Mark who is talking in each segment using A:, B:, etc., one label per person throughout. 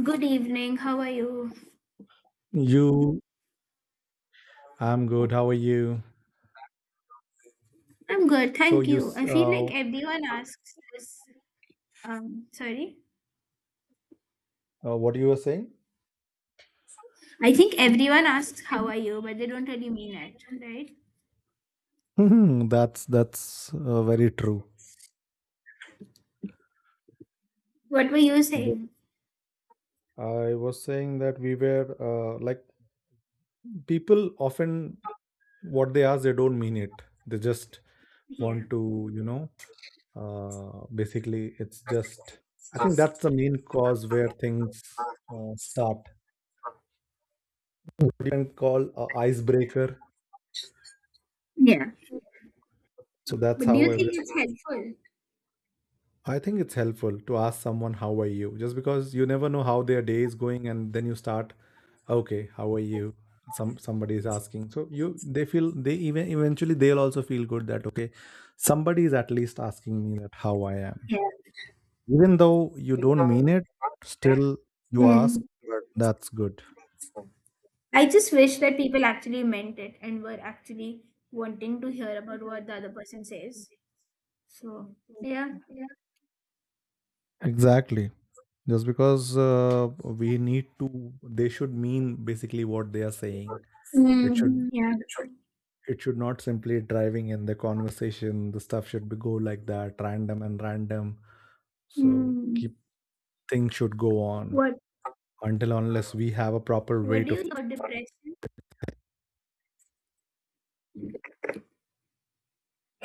A: Good evening. How are you?
B: You, I'm good. How are you?
A: I'm good,
B: So
A: thank
B: you,
A: you.
B: s-
A: I feel
B: uh,
A: like everyone asks this. Sorry.
B: what you were saying?
A: I think everyone asks how are you, but they don't really mean it, right?
B: Mhm, that's very true.
A: What were you
B: That
A: saying?
B: I was saying that we were, like, people often, what they ask they don't mean it. They just
A: Yeah.
B: want to, basically it's just, I think that's the main cause where things start. You can call a icebreaker.
A: Yeah.
B: So that's
A: But do you
B: how
A: think
B: everything.
A: it's helpful?
B: I think it's helpful to ask someone, "How are you?" Just because you never know how their day is going, and then you start, "Okay, how are you?" Somebody is asking, so you, they feel, they even eventually they'll also feel good that, okay, somebody is at least asking me that how I am,
A: Yeah.
B: even though you don't mean it, still you ask,
A: Mm.
B: but that's good.
A: I just wish that people actually meant it and were actually wanting to hear about what the other person says. So, yeah.
B: Exactly, just because we need to, they should mean basically what they are saying. It
A: Mm.
B: should
A: Yeah.
B: it should not simply driving in the conversation, the stuff should be go like that random and random, so
A: Mm.
B: keep, things should go on
A: What
B: until unless we have a proper
A: What
B: way
A: do
B: to.
A: you think about depression?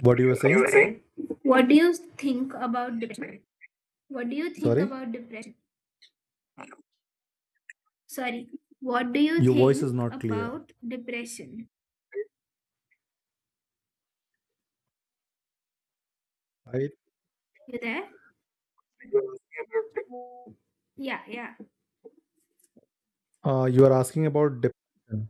B: What you were saying?
A: What do you think about depression? What do you think
B: Sorry,
A: about depression? Sorry, what do you
B: your voice is
A: think
B: not clear.
A: about depression?
B: Right?
A: You there? Yeah, yeah.
B: You are asking about depression.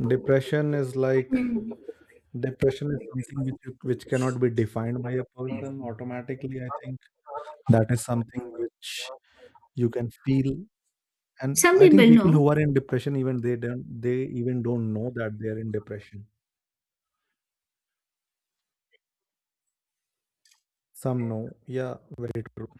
B: Depression is like,
A: Hmm.
B: depression is something which, which cannot be defined by a person automatically, I think. That is something which you can feel. And
A: Some
B: I think
A: people
B: people who
A: know,
B: are in depression, even they don't, they even don't know that they are in depression. Some know, yeah, very true.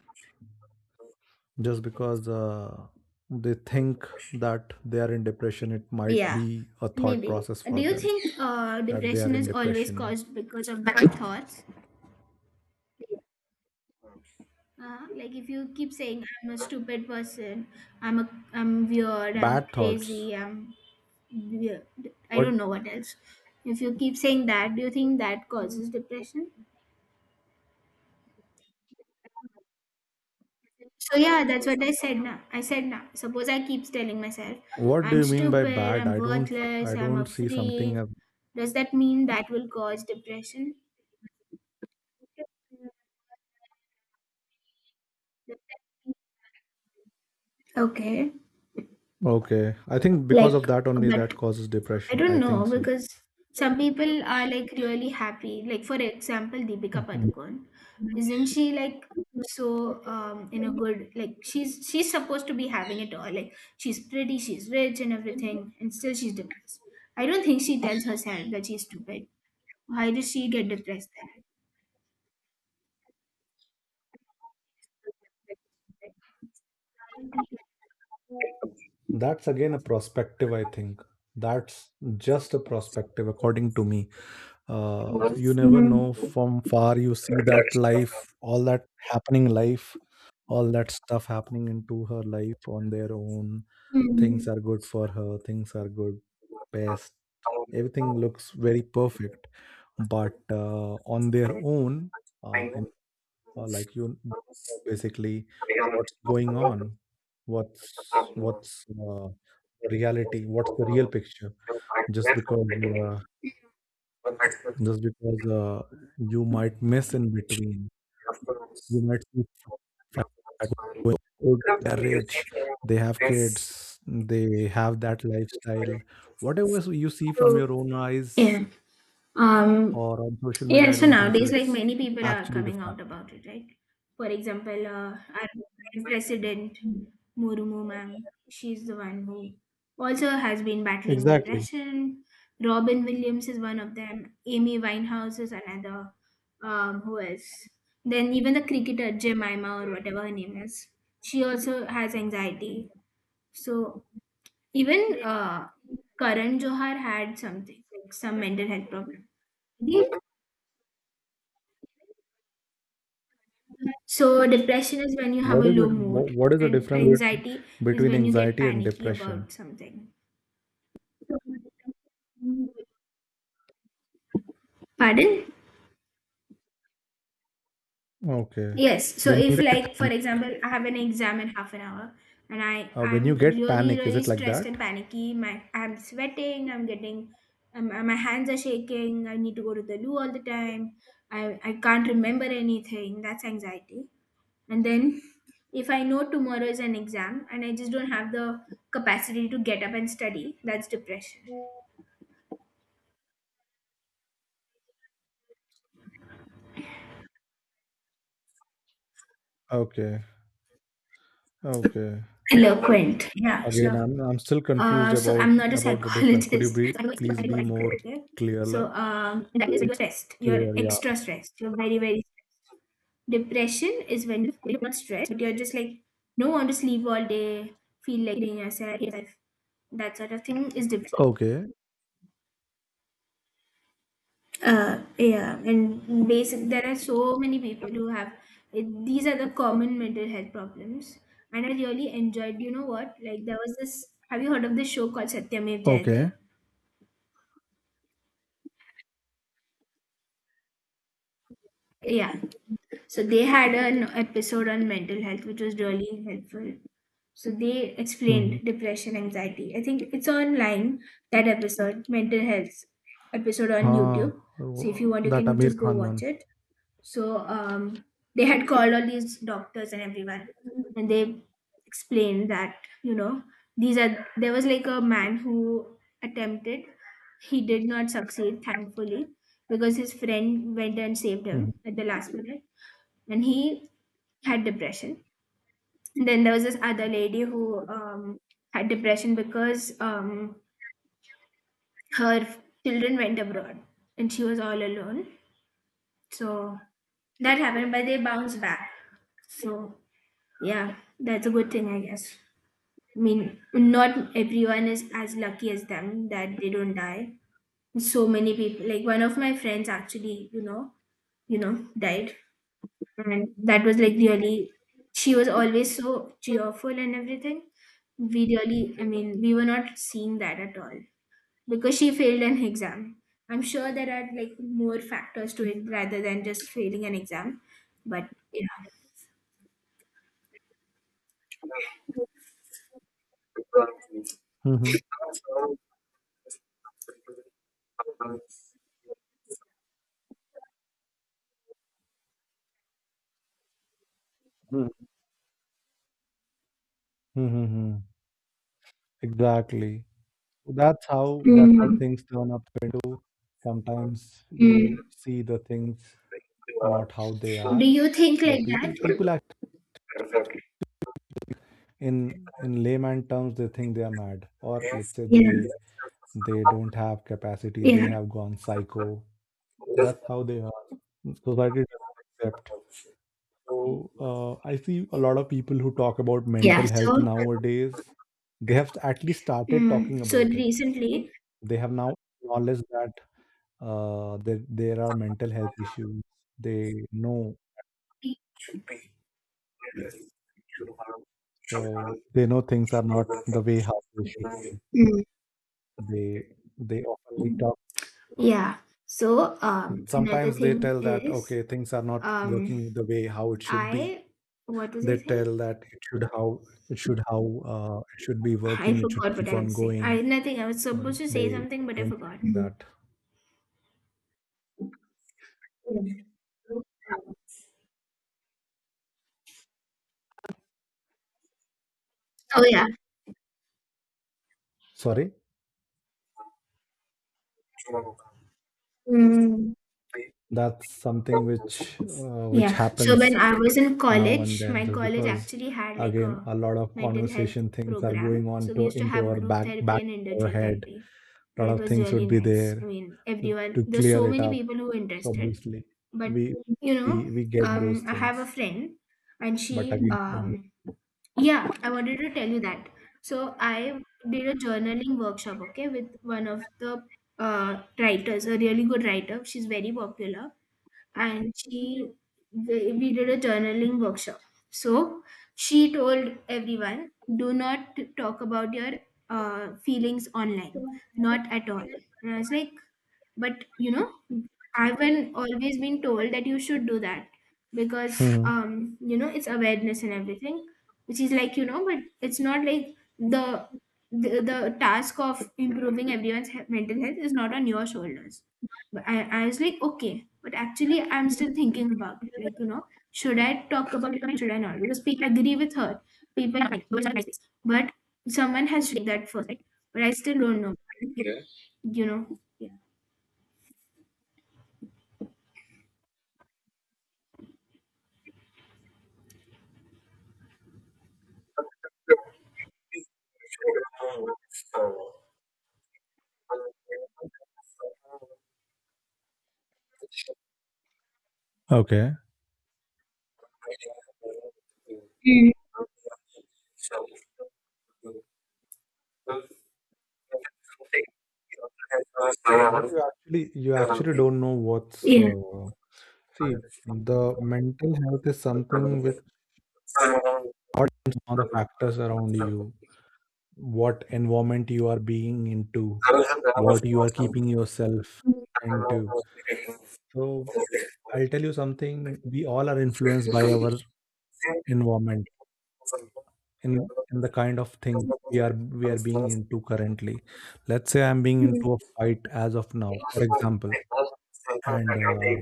B: Just because they think that they are in depression, it might
A: yeah,
B: be a thought
A: maybe.
B: process
A: Do
B: for
A: you
B: them
A: think
B: that they
A: depression
B: are in
A: is always
B: depression.
A: caused because of bad thoughts? Like if you keep saying I'm a stupid person, I'm weird, I'm
B: Bad thoughts.
A: crazy, I'm weird. I
B: What
A: don't know what else. If you keep saying that, do you think that causes depression? So yeah, that's what I said now. I said now. Suppose I keeps telling myself,
B: What, do
A: I'm
B: you mean by
A: stupid,
B: bad?
A: I'm
B: I don't,
A: worthless,
B: I
A: I'm a
B: don't see something.
A: freak.
B: As,
A: Does that mean that will cause depression? Okay.
B: okay, I think because of
A: Like,
B: that only,
A: but
B: that causes
A: I
B: depression. I
A: don't
B: think
A: know
B: so.
A: because some people are like really happy. Like for example, Deepika
B: Mhm.
A: Padukone, isn't she like so in a good like she's supposed to be having it all. Like she's pretty, she's rich and everything, and still she's depressed. I don't think she tells herself that she's stupid. Why does she get depressed there?
B: That's again a perspective, I think. That's just a perspective, according to me. You never know
A: Mm-hmm.
B: from far. You see that life, all that happening life, all that stuff happening into her life on their own. Things are good for her, things are good, best. Everything looks very perfect. But on their own, in like, basically, what's going on, what's what's the reality, what's the real picture, just because uh, just because you might miss in between, you might see f- going, "Oh, they're rich, they have kids, they have that lifestyle, whatever. So you see
A: So.
B: from your own eyes
A: Yeah. Um.
B: or on social
A: Yeah.
B: media, I
A: So
B: don't think so
A: nowadays, like
B: it's
A: many people are
B: actually the
A: coming out
B: fact."
A: about it, right? For example, our current president Murumu ma'am, she's the one who also has been battling
B: Exactly.
A: depression. Robin Williams is one of them. Amy Winehouse is another. Who else? Then even the cricketer Jemima or whatever her name is, she also has anxiety. So even Karan Johar had something like some mental health problem. Yeah. So depression is when you have a
B: What is
A: low
B: it?
A: mood,
B: What is the
A: and
B: difference bet-
A: anxiety is
B: between
A: when you get
B: anxiety and
A: panicky
B: depression?
A: about something. Pardon?
B: Okay.
A: Yes. So
B: When you
A: if
B: get
A: like for
B: pan-
A: example, I have an exam in half an hour, and I
B: when you
A: I'm
B: get
A: really
B: panic, is
A: really
B: it like
A: stressed
B: that?
A: and panicky. My I'm sweating. I'm getting. My hands are shaking. I need to go to the loo all the time. I can't remember anything. That's anxiety. And then if I know tomorrow is an exam and I just don't have the capacity to get up and study, that's depression.
B: Okay. Okay.
A: Eloquent, yeah,
B: Again,
A: sure.
B: I'm still confused
A: So
B: about
A: I'm not a
B: about the difference. Could you
A: psychologist so
B: be
A: I
B: please
A: don't know what I
B: be
A: do,
B: more
A: okay?
B: clear?
A: So, and that is when you're stressed, you're
B: Clear, yeah.
A: extra stressed, you're very very stressed. Depression is when you're not stressed but you're just like don't want to sleep all day, feel like being yourself, that sort of thing is depression.
B: Okay.
A: Yeah, and basic there are so many people who have it. These are the common mental health problems, and I really enjoyed. You know what? Like there was this. Have you heard of this show called Satyamev Jayate?
B: Okay.
A: Yeah. So they had an episode on mental health, which was really helpful. So they
B: Mm-hmm.
A: explained depression, anxiety. I think it's online, that episode, mental health episode on
B: Ah,
A: YouTube. So if you want, you
B: that
A: can
B: Amir
A: just go
B: Khan
A: watch
B: one.
A: it. So they had called all these doctors and everyone, and they explained that you know these are there was like a man who attempted, he did not succeed thankfully because his friend went and saved
B: Mm-hmm.
A: him at the last minute, and he had depression. Then there was this other lady who had depression because her children went abroad and she was all alone. So that happened, but they bounced back. So yeah, that's a good thing, I guess. I mean, not everyone is as lucky as them that they don't die. So many people, like one of my friends actually, died. And that was like really, she was always so cheerful and everything. We really, I mean, we were not seeing that at all because she failed an exam. I'm sure there are like more factors to it rather than just failing an exam. But yeah.
B: Mm-hmm. Mm-hmm. Exactly. That's how
A: Mm,
B: things turn up into. Sometimes you
A: mm.
B: see the things not how they
A: Do
B: are,
A: you think
B: but
A: like that?
B: people act in layman terms, they think they are mad, or let's say
A: Yeah,
B: they don't have capacity, they
A: yeah,
B: have gone psycho. That's how they are. Society doesn't accept. So I see a lot of people who talk about
A: yeah.
B: mental health
A: So,
B: nowadays. They have at least started
A: mm,
B: talking
A: so
B: about it.
A: recently,
B: They have now acknowledged that, there are mental health issues. They know, so they know things are not the way how they should be.
A: mm,
B: They they often talk.
A: yeah. So, another
B: Sometimes they
A: thing
B: tell that,
A: is,
B: okay, things are not
A: um,
B: working the way how it should be.
A: I what was I
B: They
A: saying?
B: tell that it should how, it should how, it should be
A: I
B: working. It should
A: forgot what
B: keep
A: I
B: on
A: was saying.
B: going.
A: I nothing. I was
B: But
A: supposed to say
B: they
A: something, but I
B: don't
A: forgot.
B: think that.
A: Oh yeah,
B: Sorry,
A: mm,
B: that's something which
A: yeah. So when
B: happens
A: I was in
B: now and
A: college,
B: then,
A: my
B: just
A: college
B: because,
A: actually had like
B: again,
A: a
B: a lot of
A: mental health
B: conversation, things are going
A: program.
B: on
A: So we
B: to
A: used to
B: into
A: have
B: our
A: group
B: back
A: therapy
B: back
A: and
B: of our
A: individual
B: head,
A: therapy,
B: a
A: and
B: lot
A: it
B: of
A: was
B: things
A: really
B: would be
A: nice. I
B: there
A: mean,
B: to,
A: everyone.
B: to
A: There's
B: clear
A: so
B: it
A: many
B: up,
A: people who were
B: so
A: interested
B: obviously
A: but
B: we
A: you know
B: we get those
A: I have a
B: things.
A: friend and
B: But
A: she
B: again,
A: yeah I wanted to tell you that. So I did a journaling workshop, okay, with one of the writers, a really good writer, she's very popular, and she we did a journaling workshop. So she told everyone, do not talk about your feelings online, not at all. And I was like, but you know, I've been always been told that you should do that because
B: hmm
A: you know, it's awareness and everything, which is like, you know, but it's not like the task of improving everyone's he- mental health is not on your shoulders. But I was like, okay, but actually I'm still thinking about it. Like, you know, should I talk about it or should I not? Because people agree with her. People are like, "Those are nice things." But someone has to take that first, right? But I still don't know. You know,
B: okay,
A: yeah.
B: but you actually don't know what's,
A: Yeah.
B: see, the mental health is something which depends on the factors around you, what environment you are being into, what you are keeping yourself. And so I'll tell you something, we all are influenced by our environment, in the kind of thing we are being into currently. Let's say I'm being
A: Mm.
B: into a fight as of now, for example, and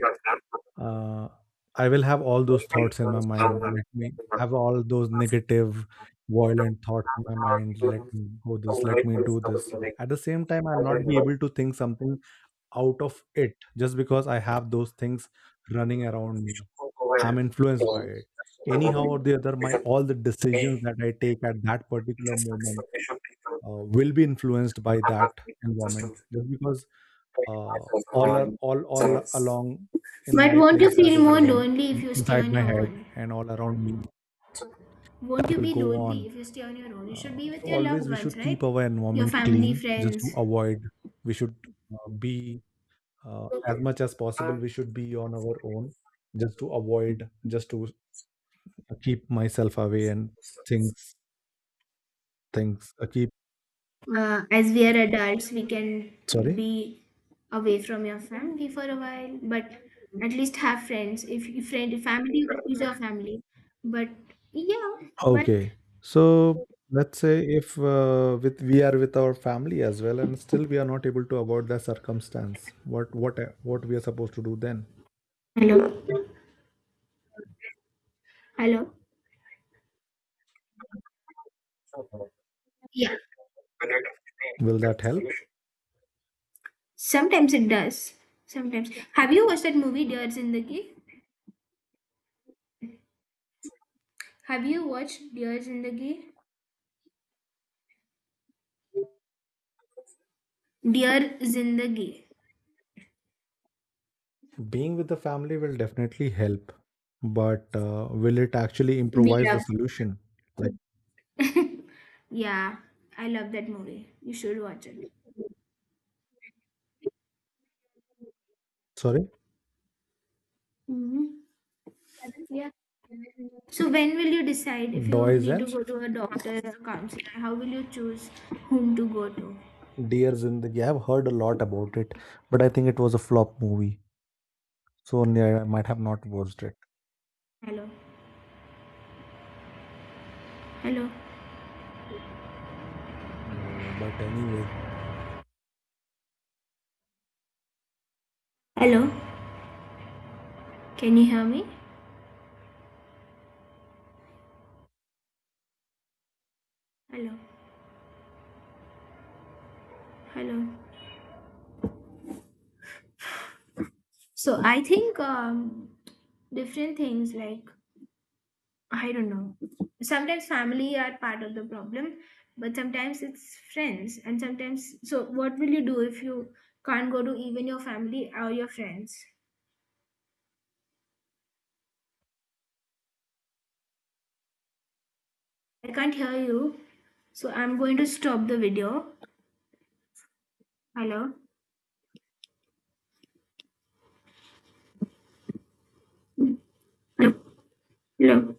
B: uh, I will have all those thoughts in my mind. Let me have all those negative, violent thoughts in my mind. Let me go this. Let me do this. At the same time, I'll not be able to think something out of it just because I have those things running around me, I'm influenced by it. Anyhow or the other, my all the decisions that I take at that particular moment will be influenced by that environment, just because, uh, all are, all along in
A: But
B: my
A: won't you
B: place that
A: feel
B: is
A: more
B: running
A: lonely if you stay
B: inside
A: on
B: my
A: your
B: head
A: own?
B: and all around me.
A: Won't
B: That
A: you
B: will
A: be
B: go
A: lonely
B: on.
A: if you stay on your own? You should
B: Uh,
A: be with your
B: always
A: loved
B: we
A: ones,
B: should keep
A: right?
B: our
A: Your
B: environment
A: family,
B: clean just to
A: friends.
B: avoid. We should, be, as much as possible, we should be on our own just to avoid, just to, I keep myself away and things, I keep.
A: As we are adults, we can
B: Sorry?
A: be away from your family for a while, but at least have friends. If you friend family is your family, but yeah, but
B: Okay. So let's say if, with we are with our family as well, and still we are not able to avoid the circumstance, what we are supposed to do then?
A: hello, hello. Yeah,
B: Will that help?
A: sometimes it does. Sometimes. Have you watched that movie Dears in the Key? Have you watched Dears in the Key? Dear Zindagi,
B: Being with the family will definitely help, but will it actually
A: we
B: improvise
A: love.
B: the solution? Like,
A: Yeah, I love that movie. You should watch it.
B: sorry,
A: Hmm. Yeah. So when will you decide if you
B: Doys
A: need to
B: and
A: go to a doctor or counselor? How will you choose whom to go to?
B: Deers in the, I've heard a lot about it, but I think it was a flop movie, so only I might have not watched it.
A: Hello, hello,
B: No, but anyways,
A: hello. Can you hear me? Hello, hello. So I think different things like I don't know. Sometimes family are part of the problem, but sometimes it's friends. And sometimes, so what will you do if you can't go to even your family or your friends? I can't hear you. So I'm going to stop the video. Hello? Hello. Hello.